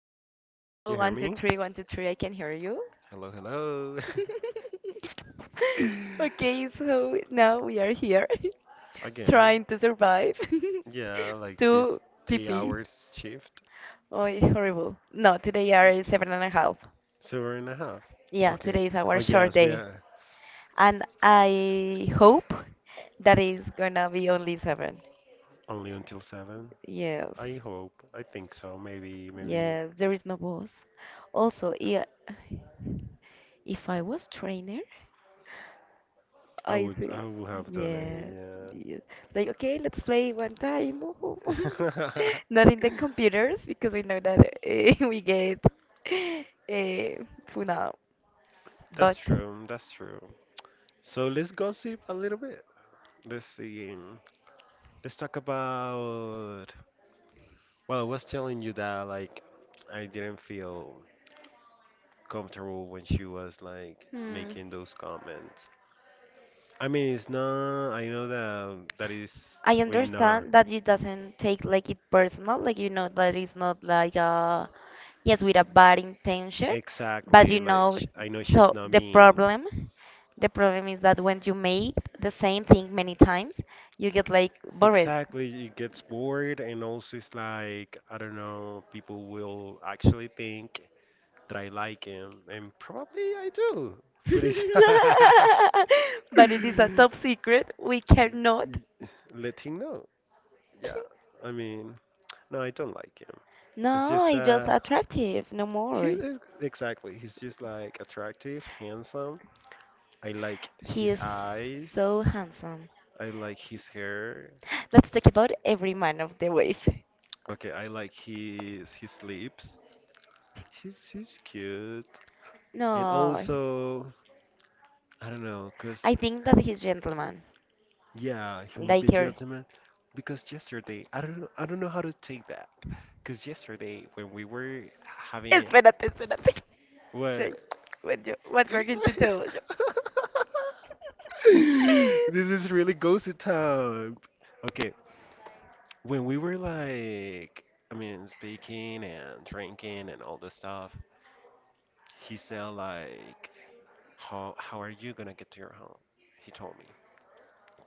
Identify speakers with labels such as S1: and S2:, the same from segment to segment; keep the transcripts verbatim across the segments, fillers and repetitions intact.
S1: Hello, can you
S2: Hello,
S1: hear
S2: one, two,
S1: me?
S2: three, one, two, three. I can hear you.
S1: Hello, hello.
S2: Okay, so now we are here
S1: Again,
S2: trying to survive
S1: yeah, like this
S2: to
S1: eight
S2: T P.
S1: hours shift,
S2: Oh, horrible. No, today are seven and a half.
S1: seven and a half.
S2: Yes,
S1: Okay.
S2: today is
S1: Oh
S2: our short
S1: yes, we
S2: day.
S1: are
S2: And I hope that is gonna be only seven.
S1: only until seven. I
S2: Yes,
S1: hope. I think so. Maybe, maybe
S2: yes, there is no boss. Also, yeah, if I was trainer.
S1: I
S2: I
S1: would,
S2: see.
S1: I would have done
S2: Yeah.
S1: it.
S2: Yes. Like, okay, let's play one time.
S1: Yeah.
S2: Not in the computers because we know that uh, we get uh, phone out.
S1: That's
S2: But
S1: true. That's true. So let's gossip a little bit. Let's see. Let's talk about. Well, I was telling you that like I didn't feel comfortable when she was like
S2: hmm,
S1: making those comments. I mean, it's not. I know that um, that is
S2: I
S1: we not
S2: understand that you doesn't take like it personal. Like you know that it's not like uh yes with a bad intention. But
S1: exactly
S2: you
S1: like
S2: know,
S1: sh I know she's
S2: so
S1: not
S2: the
S1: mean.
S2: problem, the problem is that when you make the same thing many times, you get like bored.
S1: Exactly, it gets bored, and also it's like I don't know. People will actually think that I like him, and probably I do. But it's
S2: But it is a top secret. We cannot.
S1: let him know. Yeah, I mean, no, I don't like him. It's
S2: No,
S1: just
S2: he's just
S1: uh
S2: attractive, no
S1: he
S2: more.
S1: is exactly. He's just like attractive, handsome. I like
S2: He
S1: his
S2: is
S1: eyes.
S2: so handsome.
S1: I like his hair.
S2: Let's talk about every man of the wave.
S1: Okay, I like his his lips. He's he's cute. And
S2: No,
S1: also, I don't know, cause
S2: I think that he's gentleman,
S1: yeah, he would be a
S2: like her.
S1: gentleman. Because yesterday, I don't know, I don't know how to take that. Cause yesterday when we were having
S2: Espérate, espérate. Jay,
S1: what.
S2: What you, what you are going to tell us?
S1: This is really ghosty time. Okay, when we were like, I mean, speaking and drinking and all this stuff, he said like, how how are you gonna get to your home? He told me,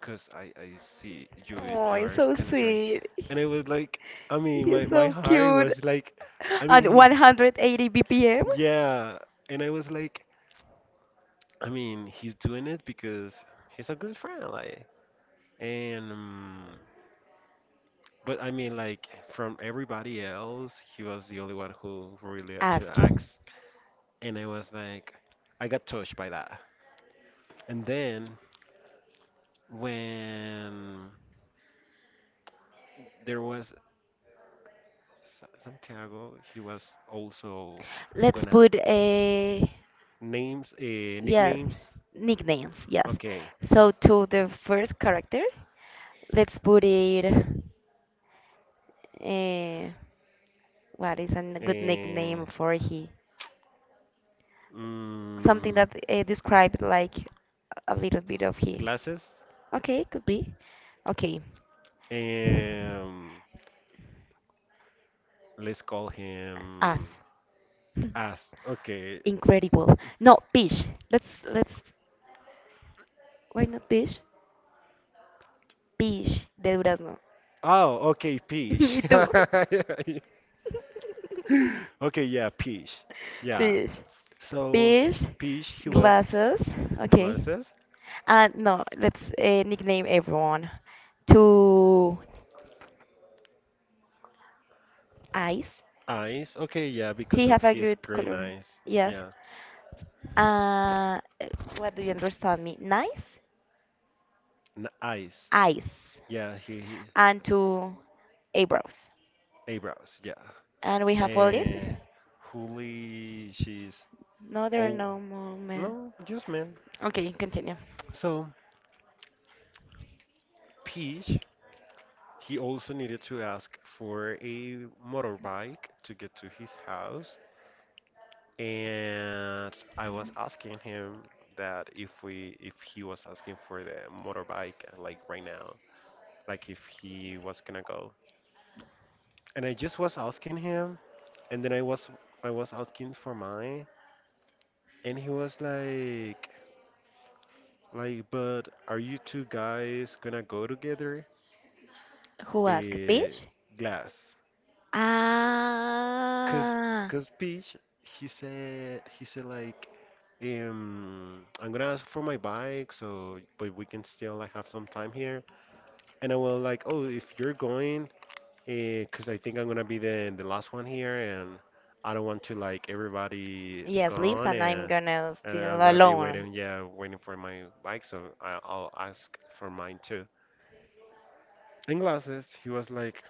S1: cause I I see you
S2: Oh,
S1: you
S2: it's
S1: are
S2: so
S1: kind of drunk,
S2: sweet.
S1: and I was like, I mean, my
S2: He's
S1: my
S2: so
S1: heart
S2: cute.
S1: was like, I
S2: At
S1: mean, he,
S2: one hundred eighty B P M?
S1: yeah, and I was like, I mean, he's doing it because he's a good friend, like, and. mm, But I mean, like from everybody else, he was the only one who really actually
S2: Ask.
S1: asked, and I was like, I got touched by that. And then when there was Sa- Santiago, he was also
S2: Let's
S1: gonna
S2: put a.
S1: names, uh,
S2: Yes,
S1: nicknames.
S2: nicknames, yes.
S1: Okay,
S2: So to the first character, let's put it. Uh, what is a n- good
S1: uh,
S2: nickname for he? Something
S1: mm,
S2: that uh, described like a little bit of he.
S1: glasses.
S2: Okay, could be. Okay,
S1: Um, let's call him
S2: us.
S1: Ass. Okay.
S2: Incredible. No, peach. Let's let's why not peach? Peach de durazno.
S1: Oh, okay, Peach.
S2: ¿Y tú?
S1: Okay, yeah, peach. Yeah.
S2: Peach.
S1: So
S2: Peach
S1: peach, he was
S2: glasses. Okay.
S1: glasses,
S2: And no, let's uh, nickname everyone to eyes.
S1: eyes. Okay, yeah,
S2: He
S1: because of
S2: have a
S1: his
S2: good
S1: green
S2: color.
S1: eyes.
S2: Yes.
S1: Yeah,
S2: Uh, what do you understand me? Nice
S1: N eyes.
S2: eyes
S1: Yeah, he, he
S2: and to eyebrows.
S1: eyebrows. Yeah.
S2: And we have
S1: And
S2: Walid.
S1: Huli, she's
S2: No, there are
S1: oh
S2: no more men.
S1: no, just man.
S2: Okay, continue.
S1: So Peach, he also needed to ask for a motorbike to get to his house, and I was asking him that if we if he was asking for the motorbike, uh, like right now, like if he was gonna go. And I just was asking him, and then I was I was asking for mine, and he was like like but are you two guys gonna go together?
S2: Who asked?
S1: Eh,
S2: Peach?
S1: glass. Cause
S2: Ah.
S1: cause Peach he said he said like um, I'm gonna ask for my bike, so but we can still like have some time here, and I was like, "Oh, if you're going, because I think I'm gonna be the the last one here, and I don't want to like everybody
S2: Yes, leaves,
S1: gone,
S2: and I'm
S1: and
S2: gonna
S1: and
S2: still
S1: I'm gonna be
S2: alone.
S1: waiting, yeah, waiting for my bike, so I, I'll ask for mine too." In glasses, he was like,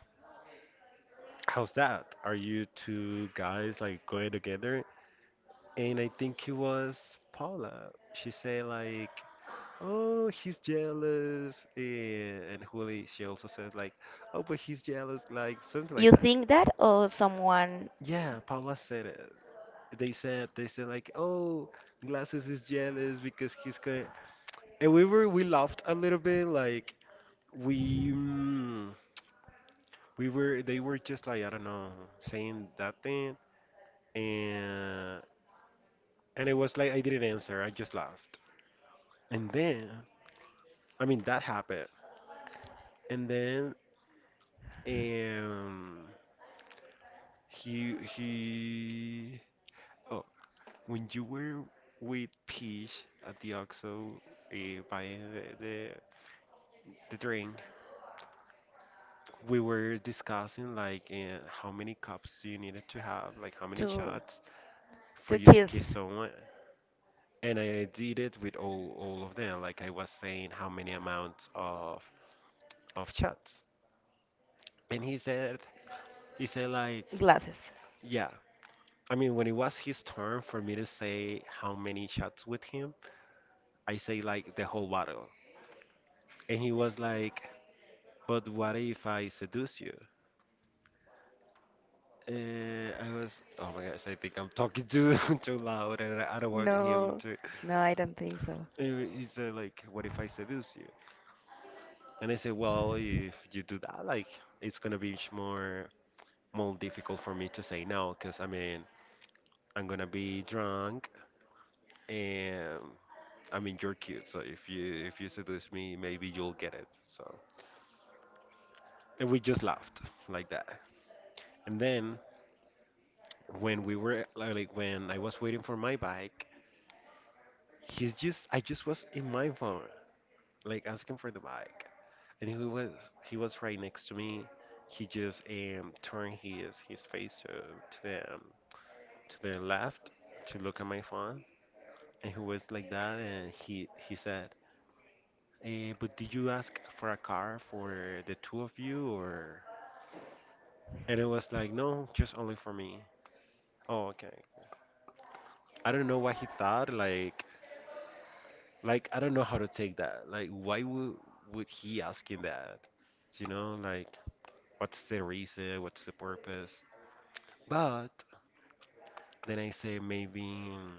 S1: "How's that? Are you two guys like going together?" And I think it was Paula. She said like, oh, he's jealous, and, and Julie, she also says like, oh, but he's jealous, like something like
S2: You
S1: that.
S2: think that, or someone?
S1: Yeah, Paula said it. They said they said like, oh, Glasses is jealous because he's going. And we were we laughed a little bit like we mm, we were they were just like I don't know saying that thing and and it was like I didn't answer, I just laughed, and then I mean that happened, and then um He he. Oh, when you were with Peach at the OXXO, uh, buying the, the the drink, we were discussing like, uh, how many cups you needed to have, like how many
S2: To
S1: shots for
S2: to
S1: you to
S2: kiss
S1: kiss someone. And I did it with all all of them. Like I was saying how many amounts of of shots. And he said he said like
S2: glasses?
S1: yeah. I mean, when it was his turn for me to say how many shots with him, I say like the whole bottle. And he was like, "But what if I seduce you?" And I was, oh my gosh, I think I'm talking too too loud and I don't want him
S2: No,
S1: to.
S2: no, I don't think so.
S1: And he said, like, "What if I seduce you?" And I said, well, if you do that, like, it's gonna be much more more difficult for me to say no, because I mean, I'm gonna be drunk and I mean, you're cute, so if you if you seduce me, maybe you'll get it. So, and we just laughed like that. And then when we were like when I was waiting for my bike, he's just I just was in my phone, like asking for the bike, and he was he was right next to me. He just um turned his his face to to the um, to the left to look at my phone, and he was like that, and he he said, eh, "But did you ask for a car for the two of you or?" And it was like, "No, just only for me." Oh, okay. I don't know what he thought, like Like I don't know how to take that. Like why would would he asking that? You know, like what's the reason? What's the purpose? But then I say maybe, mm,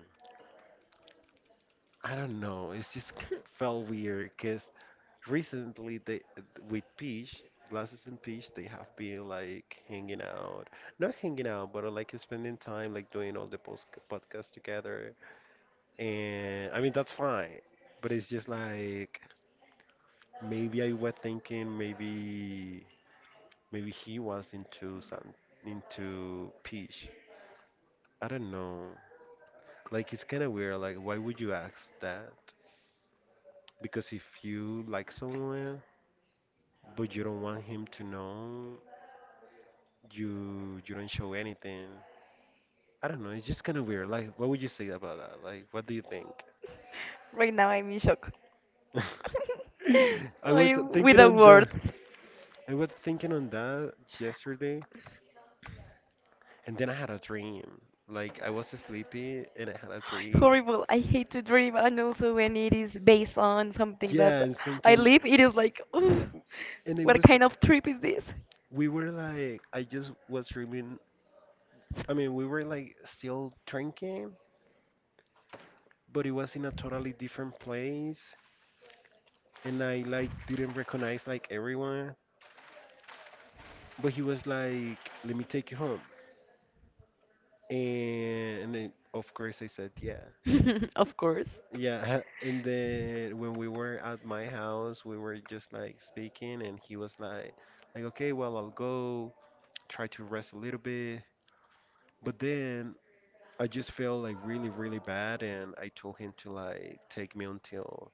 S1: I don't know. It's just felt weird because recently they with Peach, Glasses and Peach, they have been like hanging out, not hanging out, but uh, like spending time, like doing all the post podcasts together. And I mean that's fine, but it's just like maybe I was thinking maybe maybe he was into some into peach. I don't know. Like it's kind of weird. Like why would you ask that? Because if you like someone but you don't want him to know, you you don't show anything. I don't know. It's just kind of weird. Like what would you say about that? Like what do you think?
S2: Right now I'm in shock.
S1: I was
S2: I'm
S1: thinking
S2: without
S1: on the
S2: words.
S1: I was thinking on that yesterday, and then I had a dream. Like I was sleepy and I had a dream.
S2: Horrible. I hate to dream, and also when it is based on something that
S1: Yeah, and
S2: I
S1: something,
S2: live, it is like, "Ooh,
S1: and it
S2: what
S1: was.
S2: kind of trip is this?"
S1: We were like, I just was dreaming. I mean, we were like still drinking, but it was in a totally different place, and I like didn't recognize like everyone. But he was like, "Let me take you home," and then, of course I said, "Yeah."
S2: Of course.
S1: Yeah, and then when we were at my house, we were just like speaking, and he was like, like, okay, well, I'll go try to rest a little bit. But then I just felt like really, really bad, and I told him to like take me until,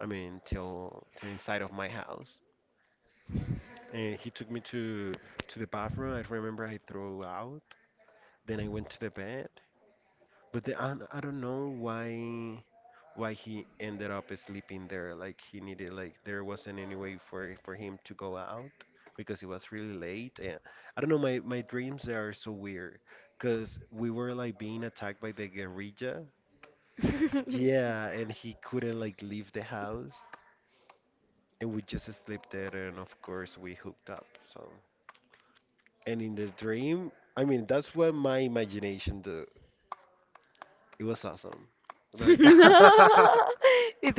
S1: I mean, till, till inside of my house. And he took me to to the bathroom. I remember I threw out. Then I went to the bed, but the, I, I don't know why why he ended up sleeping there. Like he needed like there wasn't any way for for him to go out because it was really late. And I don't know, my my dreams they are so weird because we were like being attacked by the guerrilla. Yeah, and he couldn't like leave the house, and we just slept there, and of course we hooked up. So, and in the dream, I mean, that's what my imagination do. It was awesome.
S2: It
S1: Like, yeah,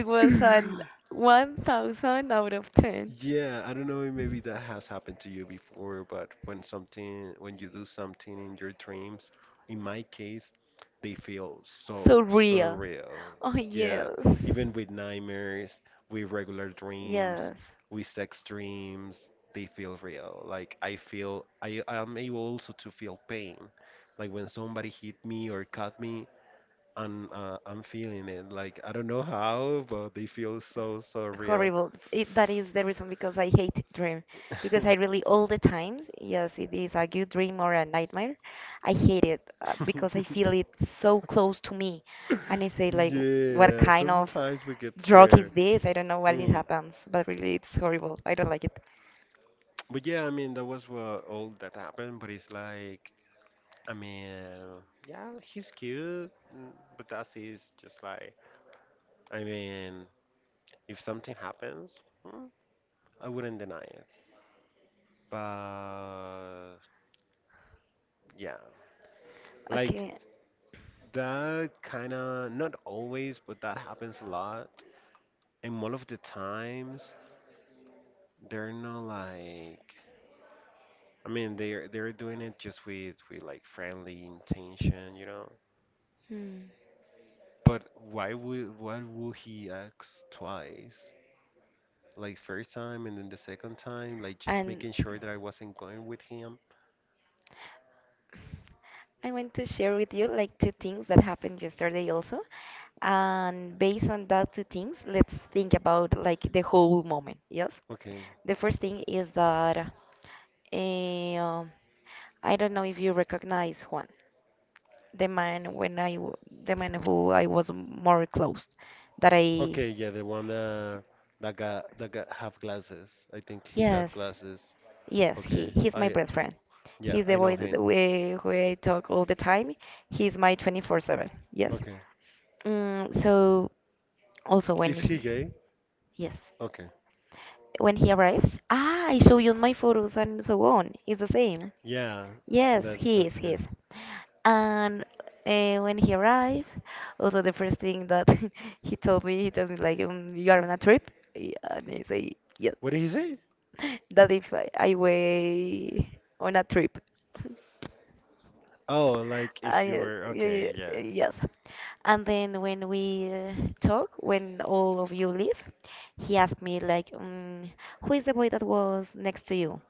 S2: was an one thousand out of ten.
S1: I don't know, if maybe that has happened to you before, but when something, when you do something in your dreams, in my case, they feel so
S2: So real.
S1: surreal.
S2: Oh, yes.
S1: Yeah, even with nightmares, with regular dreams,
S2: Yes.
S1: with sex dreams, they feel real. Like I feel, I I am able also to feel pain. Like when somebody hit me or cut me, I'm uh, I'm feeling it. Like I don't know how, but they feel so so real.
S2: Horrible. It, that is the reason because I hate dream because I really all the times, yes, it is a good dream or a nightmare. I hate it uh, because I feel it so close to me, and I say like, what
S1: Yeah,
S2: kind of
S1: sometimes we get
S2: drug is
S1: scared.
S2: this? I don't know what it
S1: Mm.
S2: happens, but really it's horrible. I don't like it.
S1: But yeah, I mean that was what all that happened. But it's like I mean, yeah, he's cute, mm, but that's is just like, I mean, if something happens, mm, I wouldn't deny it. But yeah, like
S2: Okay.
S1: that kind of, not always, but that happens a lot. And all of the times, they're not like, I mean, they're they're doing it just with with like friendly intention, you know.
S2: Hmm.
S1: But why would why would he ask twice? Like first time and then the second time, like just
S2: And
S1: making sure that I wasn't going with him.
S2: I want to share with you like two things that happened yesterday also. And based on that two things, let's think about like the whole moment. Yes.
S1: Okay.
S2: The first thing is that um I don't know if you recognize Juan, the man when I w- the man who I was more close that I.
S1: Okay, yeah, the one that that got that got have glasses. I think he got
S2: Yes,
S1: glasses.
S2: yes,
S1: Okay,
S2: he he's my
S1: I uh,
S2: best friend.
S1: yeah,
S2: He's the
S1: I know
S2: boy
S1: him.
S2: that we who I talk all the time. He's my twenty-four seven. Yes.
S1: Okay,
S2: Mm, so also when
S1: is he
S2: he,
S1: gay?
S2: yes,
S1: Okay,
S2: when he arrives, ah, I show you my photos and so on. It's the same.
S1: yeah,
S2: Yes,
S1: that's
S2: he is.
S1: that's
S2: He
S1: good.
S2: is. And uh, when he arrived, also the first thing that he told me, he told me like, um, you are on a trip, Y- and I say yes.
S1: What did he say?
S2: That if I, I way on a trip.
S1: Oh, like if you
S2: I,
S1: were okay,
S2: y-
S1: yeah,
S2: y- yes. And then when we uh, talk, when all of you leave, he asked me like, mm, "Who is the boy that was next to you?"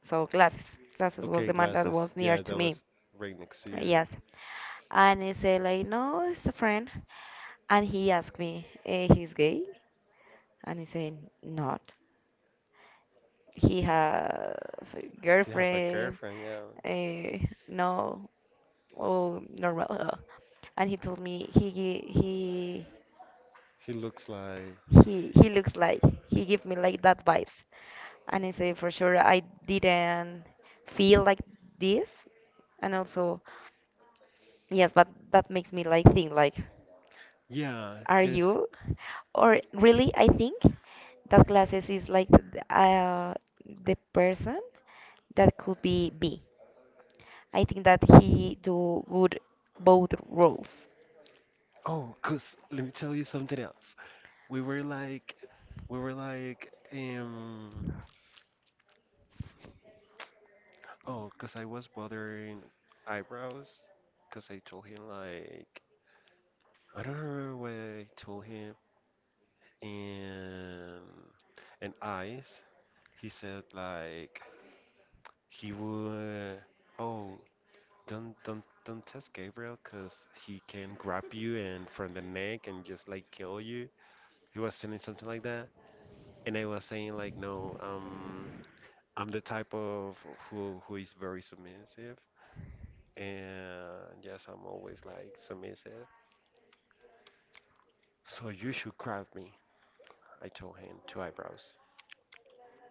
S2: So Glasses, Glasses was
S1: okay,
S2: the man that
S1: glasses.
S2: was near
S1: Yeah,
S2: to
S1: that
S2: me.
S1: was right next to
S2: Uh,
S1: you.
S2: Yes. And I said like, "No, it's a friend." And he asked me, eh, "He's gay?" And I said, "Not." He have a
S1: He have a
S2: girlfriend.
S1: girlfriend. Yeah,
S2: Uh, no, oh, normal. uh, And he told me he gi- he
S1: he looks like
S2: he he looks like, he give me like that vibes. And I say for sure I didn't feel like this. And also yes, but that makes me like think like.
S1: yeah,
S2: Are
S1: cause
S2: you? Or really, I think that glasses is like th- uh, the person that could be me. I think that he do good both roles.
S1: oh, cause let me tell you something else. We were like, we were like, um, oh, cause I was bothering eyebrows, cause I told him like, I don't remember what I told him, and and eyes. He said like he would, oh, don't don't don't test Gabriel, cause he can grab you and from the neck and just like kill you. He was saying something like that, and I was saying like, no, um. I'm the type of who who is very submissive, and yes, I'm always like submissive. So you should grab me, I told him, two eyebrows.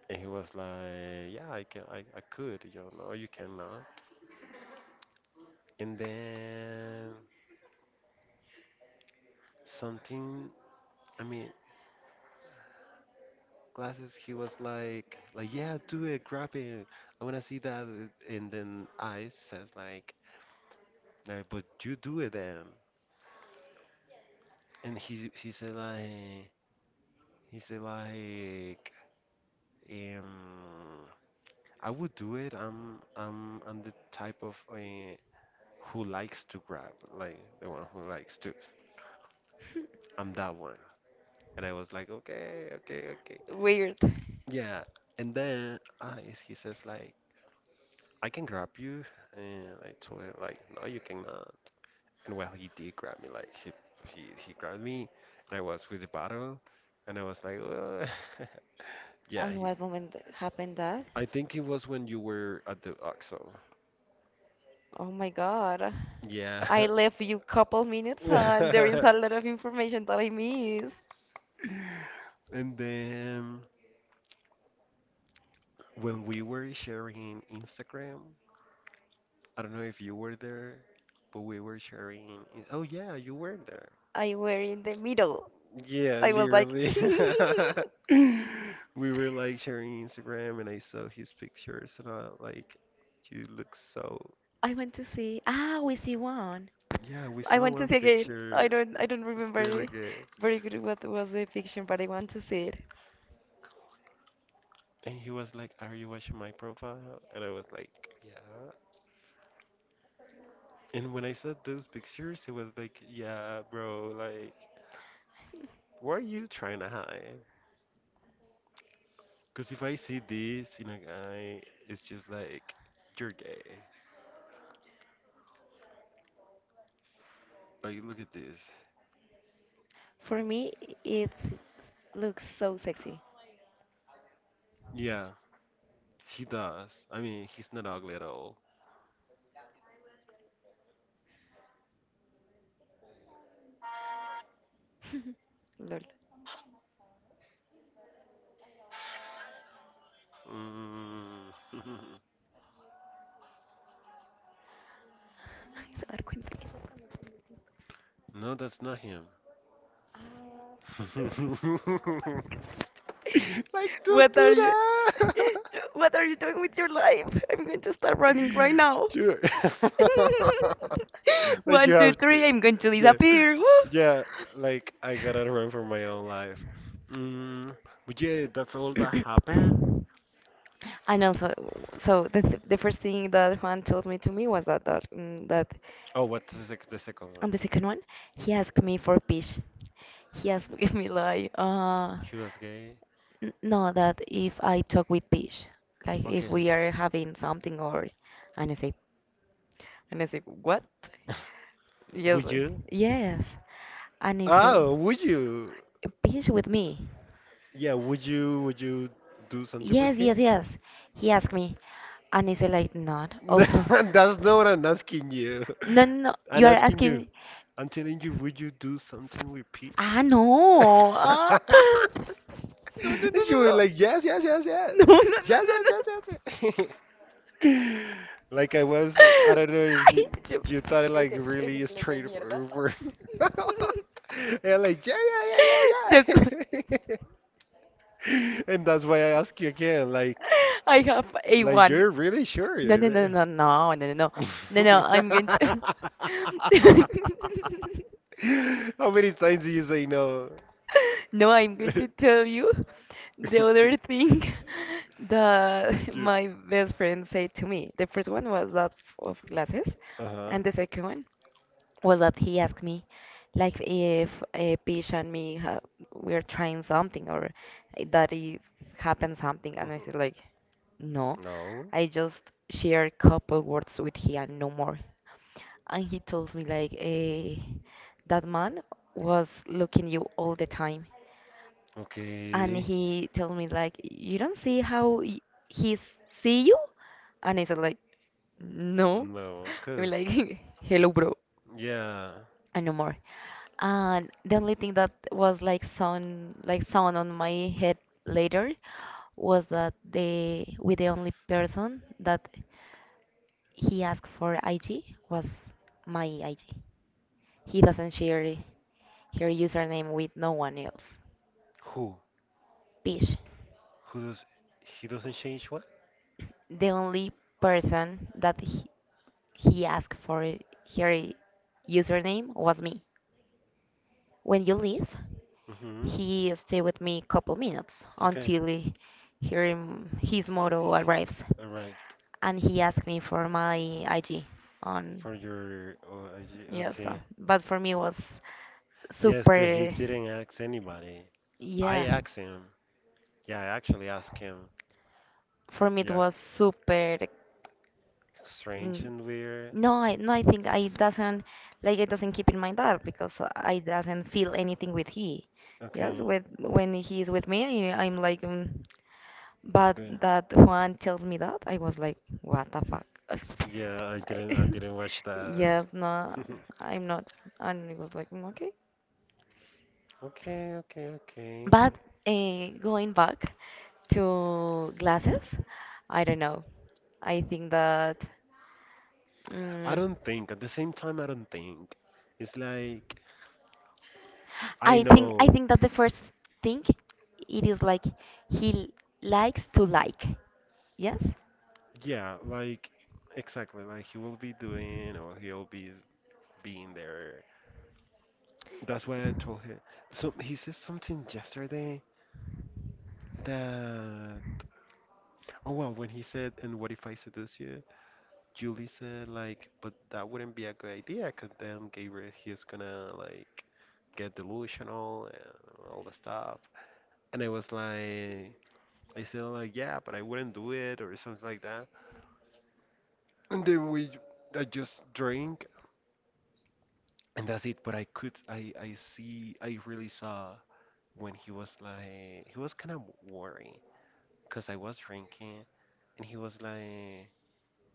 S1: And he was like, yeah, I can, I, I could, you know, "No, you cannot." And then something, I mean, glasses, he was like, like, yeah, do it, grab it. I want to see that. And then I says like, no, but you do it then. And he, he said like, he said like, Um, I would do it. I'm I'm I'm the type of uh, who likes to grab, like the one who likes to. I'm that one. And I was like, okay, okay, okay.
S2: Weird. Yeah.
S1: Yeah. And then uh, is- he says like, I can grab you. And I told him like, no, you cannot. And well, he did grab me. Like he he he grabbed me, and I was with the bottle, and I was like, "Ugh." Yeah.
S2: And
S1: He,
S2: what moment happened that?
S1: I think it was when you were at the oxo.
S2: Oh my God. I, yeah, left you couple minutes and there is
S1: Yeah.
S2: a lot of information that I missed.
S1: And then when we were sharing Instagram, I don't know if you were there, but we were sharing. in- Oh yeah, you were there.
S2: I were in the middle.
S1: Yeah,
S2: I was like,
S1: literally. We were like sharing Instagram, and I saw his pictures, and I like, you look so.
S2: I want to see. Ah, we see one.
S1: Yeah, we
S2: I
S1: saw
S2: want to
S1: one
S2: see again. I
S1: picture
S2: don't. I don't
S1: still
S2: remember
S1: again,
S2: very good what was the fiction, but I want to see it.
S1: and he was like, "Are you watching my profile?" And I was like, "Yeah." And when I saw those pictures, it was like, "Yeah, bro, like." What are you trying to hide? Because if I see this in a guy, it's just like, you're gay. Like, look at this.
S2: For me, it looks so sexy.
S1: Yeah, he does. I mean, he's not ugly at all.
S2: Lol.
S1: Mm.
S2: Ay, se va a dar cuenta que-.
S1: No, that's not him. Like, don't
S2: What are
S1: do
S2: you?
S1: that.
S2: What are you doing with your life? I'm going to start running right now.
S1: You like, you
S2: One, two,
S1: have to.
S2: three, I'm going to
S1: Yeah.
S2: disappear. Woo!
S1: Yeah, like I gotta run for my own life. Mm, but yeah, that's all that happened.
S2: And also, so the, th- the first thing that Juan told me to me was that that, mm, that
S1: Oh, what's the, sec- the second one?
S2: on the second one, he asked me for peach. He asked me like, uh,
S1: He was gay.
S2: N- no, that if I talk with Peach, like if
S1: Okay.
S2: we are having something or, and I say, and I say, what? Yes,
S1: Would
S2: like,
S1: you?
S2: yes, and he said,
S1: Oh, would you?
S2: "Beach with me."
S1: Yeah, would you? Would you do something with
S2: Yes, yes,
S1: him?
S2: yes. He asked me, and he said like, "Not also."
S1: That's not what I'm asking you.
S2: No, no, no. You
S1: I'm
S2: are
S1: asking you.
S2: asking.
S1: I'm telling you, would you do something with Peach?
S2: Ah, no. Ah. No, no, no,
S1: And she was
S2: no.
S1: like, yes, yes, yes,
S2: She
S1: yes,
S2: was no. Like, no, no,
S1: yes,
S2: no,
S1: yes,
S2: no,
S1: yes,
S2: no.
S1: yes, yes." Like I was, I don't know, is
S2: Ay,
S1: you,
S2: yo- She
S1: you thought it like
S2: Ese, ese
S1: really
S2: inglés de mierda.
S1: straightforward. And like, yeah, yeah, yeah,
S2: yo co-
S1: yeah, yeah. And that's why I ask you again, like,
S2: I have like
S1: like
S2: A one.
S1: you're really sure?
S2: No, no, no,
S1: that-
S2: no, no, no, no, no, no, no. I'm going to.
S1: How many times do you say no?
S2: No, I'm going to tell you the other thing that
S1: You-
S2: my best friend said to me. The first one was that of glasses,
S1: uh-huh.
S2: and the second one was that he asked me, like, if uh, Pish and me ha we're trying something, or that if happened something, and I
S1: Mhm.
S2: said like, no.
S1: No.
S2: I just share a couple words with him, and no more. And he tells me like, eh, that man was looking you all the time. And
S1: Okay.
S2: he told me like, you don't see how y- he see you? And I said like, no.
S1: No,
S2: I'm like,
S1: because
S2: hello, bro,
S1: yeah.
S2: and no more. And the only thing that was like sound, like sound on my head later was that they were the only person that. He asked for I G, was my I G. He doesn't share her username with no one else.
S1: Who?
S2: Pish.
S1: Who does? He doesn't change what?
S2: The only person that he, he asked for her username was me. When you leave,
S1: Mm-hmm.
S2: he stay with me couple minutes
S1: Okay.
S2: until he, her- his moto arrives.
S1: Arrived
S2: And he asked me for my I G on,
S1: for your. Oh, I ju-
S2: yes, uh,
S1: okay.
S2: but for me was
S1: Yes, cause he
S2: super,
S1: didn't ask anybody. I
S2: yeah.
S1: asked him. Yeah, I actually asked him.
S2: For me it
S1: Yeah.
S2: was super,
S1: Strange
S2: mm,
S1: and weird.
S2: no I, no I think I doesn't, like, I doesn't keep in mind that because I doesn't feel anything with he, yes,
S1: Okay.
S2: with when he is with me, I, I'm like, mm, but
S1: Good.
S2: that Juan tells me that I was like what the fuck.
S1: Yeah, I
S2: I-.
S1: didn't. I didn't watch that.
S2: Yes, no, I'm not, and it was like, "Mm, okay,
S1: Okay. Okay. Okay.
S2: but uh, going back to glasses, I don't know, I think that.
S1: I don't
S2: mm
S1: think. At the same time, I don't think. It's like I
S2: I think I
S1: know.
S2: think that the first thing it is like he likes to like. Yes?
S1: Yeah, like exactly, like he will be doing or he'll be being there. That's why I told him. So he said something yesterday that oh well, when he said, "And what if I seduce you?" Julie said like, "But that wouldn't be a good idea, 'cause then Gabriel he's gonna like get delusional and all the stuff." And I was like, I said like, "Yeah, but I wouldn't do it" or something like that. And then we, I just drank and that's it. But I could, I, I see, I really saw when he was like, he was kind of worried because I was drinking, and he was like,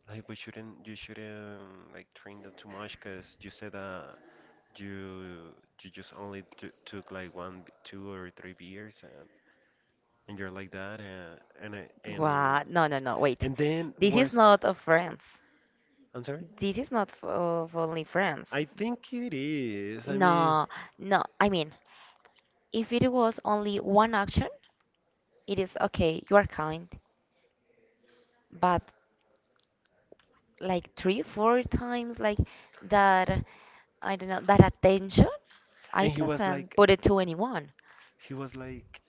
S1: like, but shouldn't you shouldn't like drink that too much because you said that you you just only t took like one, b- two or three beers and and you're like that and and I- and
S2: Wow. No, no, no. Wait.
S1: and then
S2: This is
S1: worse.
S2: not of friends.
S1: I'm sorry.
S2: This is not f- of only friends.
S1: I think it is. I mean,
S2: No, no. I mean, if it was only one action, it is okay. You are kind, but like three, four times, like that. I don't know that attention. I
S1: and he was
S2: doesn't
S1: like,
S2: put it to anyone.
S1: he was like.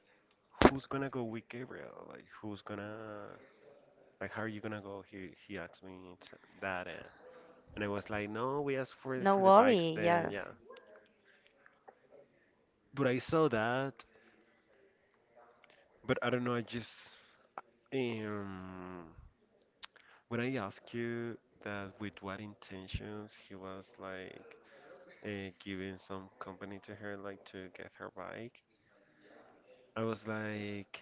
S1: Who's gonna go with Gabriel? Like, who's gonna, like, how are you gonna go? He he asked me t- that, and, and I was like, no, we asked for
S2: No
S1: for the bikes,
S2: worry.
S1: then
S2: Yes.
S1: yeah. But I saw that, but I don't know. I just um, when I asked you that with what intentions he was like uh, giving some company to her, like to get her bike, I was like,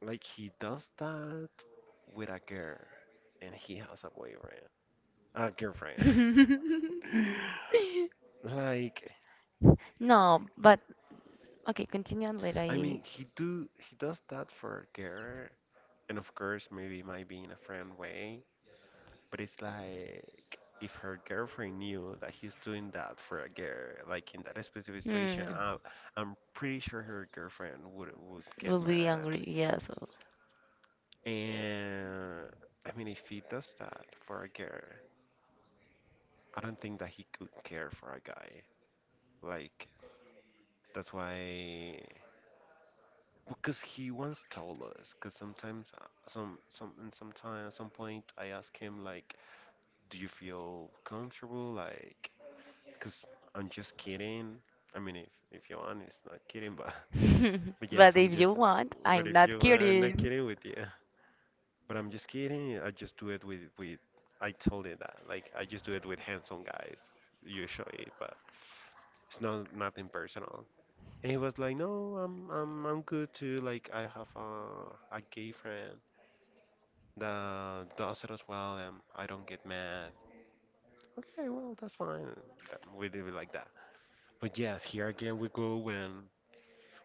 S1: like he does that with a girl, and he has a boyfriend, a girlfriend. Like,
S2: No, but okay, continue on later.
S1: I
S2: I...
S1: mean, he do he does that for a girl, and of course, maybe it might be in a friend way, but it's like if her girlfriend knew that he's doing that for a girl, like in that specific situation,
S2: Hmm,
S1: I, I'm pretty sure her girlfriend would would get
S2: will be
S1: mad.
S2: angry, yeah, so.
S1: And I mean, if he does that for a girl, I don't think that he could care for a guy. Like, that's why. Because he once told us because sometimes uh, some some and sometime at some point I ask him like do you feel comfortable like because I'm just kidding I mean if if you want it's not kidding but but yes
S2: But
S1: I'm
S2: if you
S1: just
S2: want,
S1: but
S2: I'm
S1: if
S2: not
S1: you want I'm not
S2: kidding.
S1: kidding with you but I'm just kidding I just do it with with I told him that like I just do it with handsome guys usually but it's not nothing personal and he was like, "No, I'm I'm I'm good too. Like I have a a gay friend that does it as well, and I don't get mad." Okay, well that's fine. That, we leave it like that. But yes, here again we go when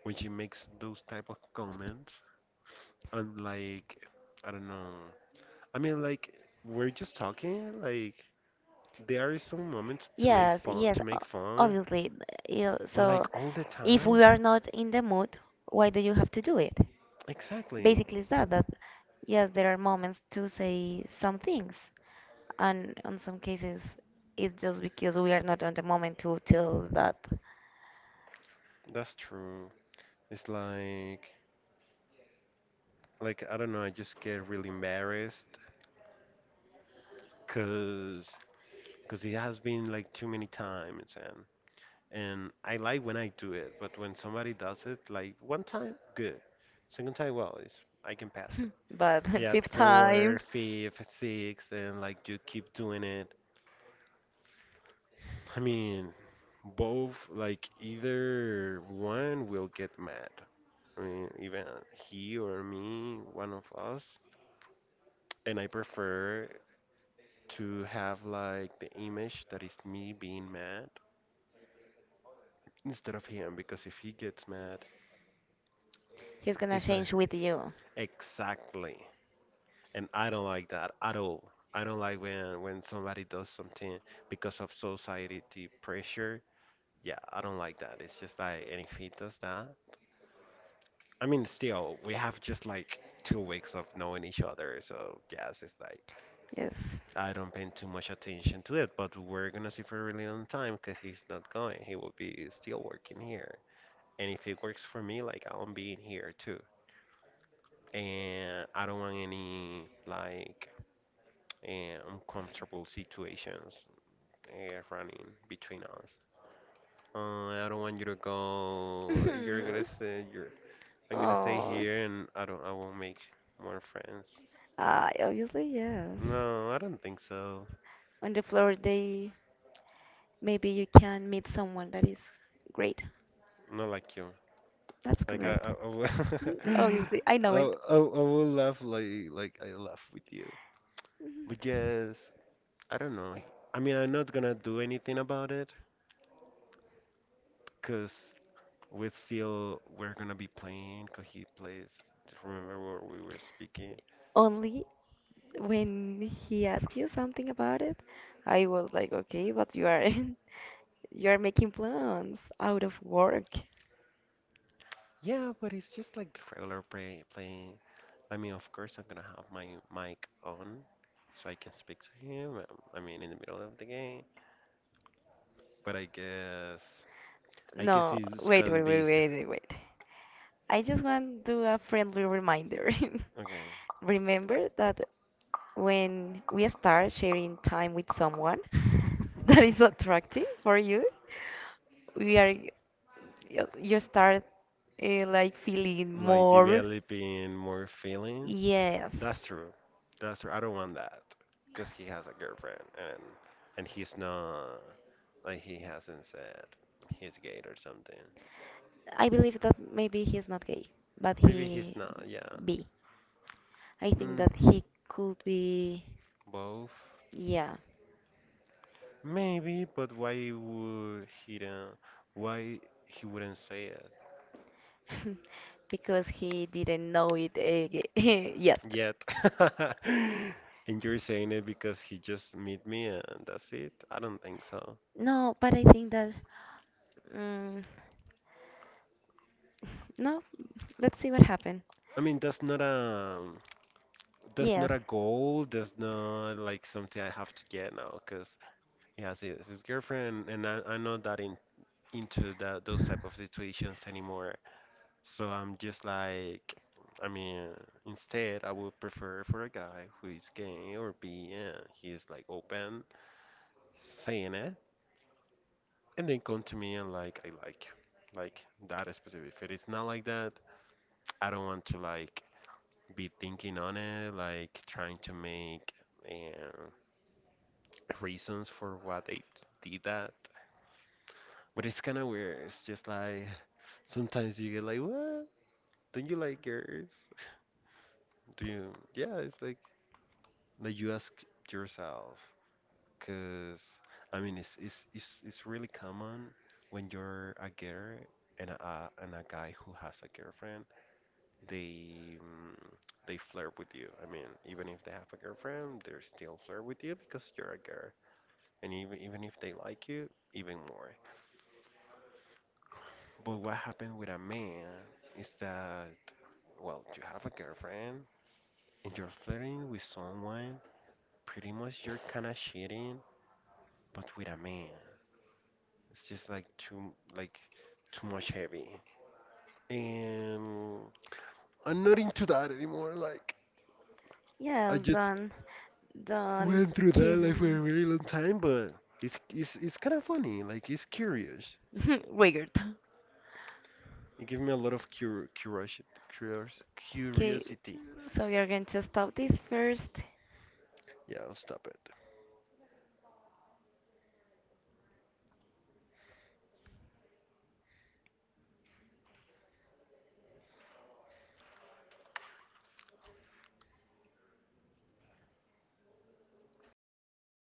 S1: when she makes those type of comments and like I don't know. I mean like we're just talking. Like there are some moments to make
S2: Yes,
S1: fun
S2: yes,
S1: to
S2: o-
S1: make fun,
S2: obviously. Th-. Yeah,
S1: but
S2: so
S1: like all the
S2: if we
S1: time.
S2: are not in the mood, why do you have to do it?
S1: Exactly.
S2: Basically, it's that that yes, there are moments to say some things, and on some cases it's just because we are not on the moment to tell that,
S1: That's true. It's like like I don't know, I just get really embarrassed because because it has been like too many times and and I like when I do it, but when somebody does it like one time, good. Second time, well, it's I can pass it.
S2: but
S1: Yeah,
S2: fifth time.
S1: four, fifth, sixth, and like you keep doing it. I mean, both like either one will get mad. I mean, even he or me, one of us. And I prefer to have like the image that is me being mad instead of him because if he gets mad
S2: He's gonna
S1: it's like
S2: change with you.
S1: exactly and I don't like that at all I don't like when when somebody does something because of society pressure yeah I don't like that it's just like and if he does that I mean still we have just like two weeks of knowing each other so yes it's like
S2: Yes.
S1: I don't pay too much attention to it, but we're gonna see for a really long time because he's not going. He will be still working here. And if it works for me, like I'm being here too. And I don't want any like eh, uncomfortable situations uh, running between us. Uh, I don't want you to go. You're gonna
S2: Mhm.
S1: say you're. I'm gonna stay
S2: Oh.
S1: here, and I don't. I won't make more friends.
S2: Ah, obviously yes,
S1: No, I don't think so.
S2: on the floor they, maybe you can meet someone that is great.
S1: Not like you.
S2: That's
S1: Like I,
S2: correct.
S1: I, I would,
S2: Mhm.
S1: I,
S2: Obviously I know it.
S1: I, I will laugh like like I laugh with you.
S2: Mhm.
S1: But yes, I don't know. I mean, I'm not gonna do anything about it, because we still we're gonna be playing. Cause he plays. Just remember what we were speaking.
S2: Only when he asks you something about it, I was like, okay, but you are you are making plans out of work.
S1: Yeah, but it's just like regular play playing. I mean, of course, I'm gonna have my mic on so I can speak to him. Um, I mean, in the middle of the game. But I guess I guess
S2: No,
S1: it's
S2: wait,
S1: gonna
S2: wait,
S1: be
S2: wait,
S1: s-
S2: wait, wait, wait. I just want to do a friendly reminder.
S1: okay.
S2: Remember that when we start sharing time with someone that is attractive for you, we are you you start, uh, like, feeling
S1: Like
S2: more.
S1: developing more feelings.
S2: Yes.
S1: That's true. That's true. I don't want that because he has a girlfriend and and he's not like he hasn't said he's gay or something.
S2: I believe that maybe he's not gay, but
S1: Maybe he's
S2: he
S1: not. Yeah.
S2: be. I think
S1: Mm,
S2: that he could be,
S1: both.
S2: yeah,
S1: Maybe, but why would he don't, why he wouldn't say it
S2: because he didn't know it uh, yet.
S1: yet? And you're saying it because he just meet me and that's it? I don't think so.
S2: No, but I think that, mm, no, let's see what happened.
S1: I mean, that's not a That's not
S2: Yes,
S1: a goal. That's not like something I have to get now, because he has his, his girlfriend, and I, I'm not that in, into that those type of situations anymore. So I'm just like, I mean, instead I would prefer for a guy who is gay or be, yeah, he is like open, saying it, and then come to me and like, I like, like that specific. If it is not like that, I don't want to like be thinking on it, like trying to make. Yeah reasons for why they did that. But it's kind of weird. It's just like sometimes you get like, what? Don't you like girls? Do you? Yeah, it's like like you ask yourself, cause I mean, it's it's it's it's really common when you're a girl and a and a guy who has a girlfriend, they mm, they flirt with you. I mean, even if they have a girlfriend, they still flirt with you because you're a girl, and even even if they like you, even more. But what happened with a man is that, well, you have a girlfriend and you're flirting with someone, pretty much you're kind of cheating, but with a man. It's just like too, like too much heavy. And I'm not into that anymore. Like I
S2: yes,
S1: just
S2: don't, don't
S1: went through that
S2: keep
S1: like
S2: in
S1: for a
S2: mind.
S1: really long time, but it's it's it's kind of funny. Like it's curious.
S2: Weird.
S1: It gives me a lot of cur curiosity,
S2: Okay,
S1: curiosity.
S2: so we are going to stop this first.
S1: Yeah, I'll stop it.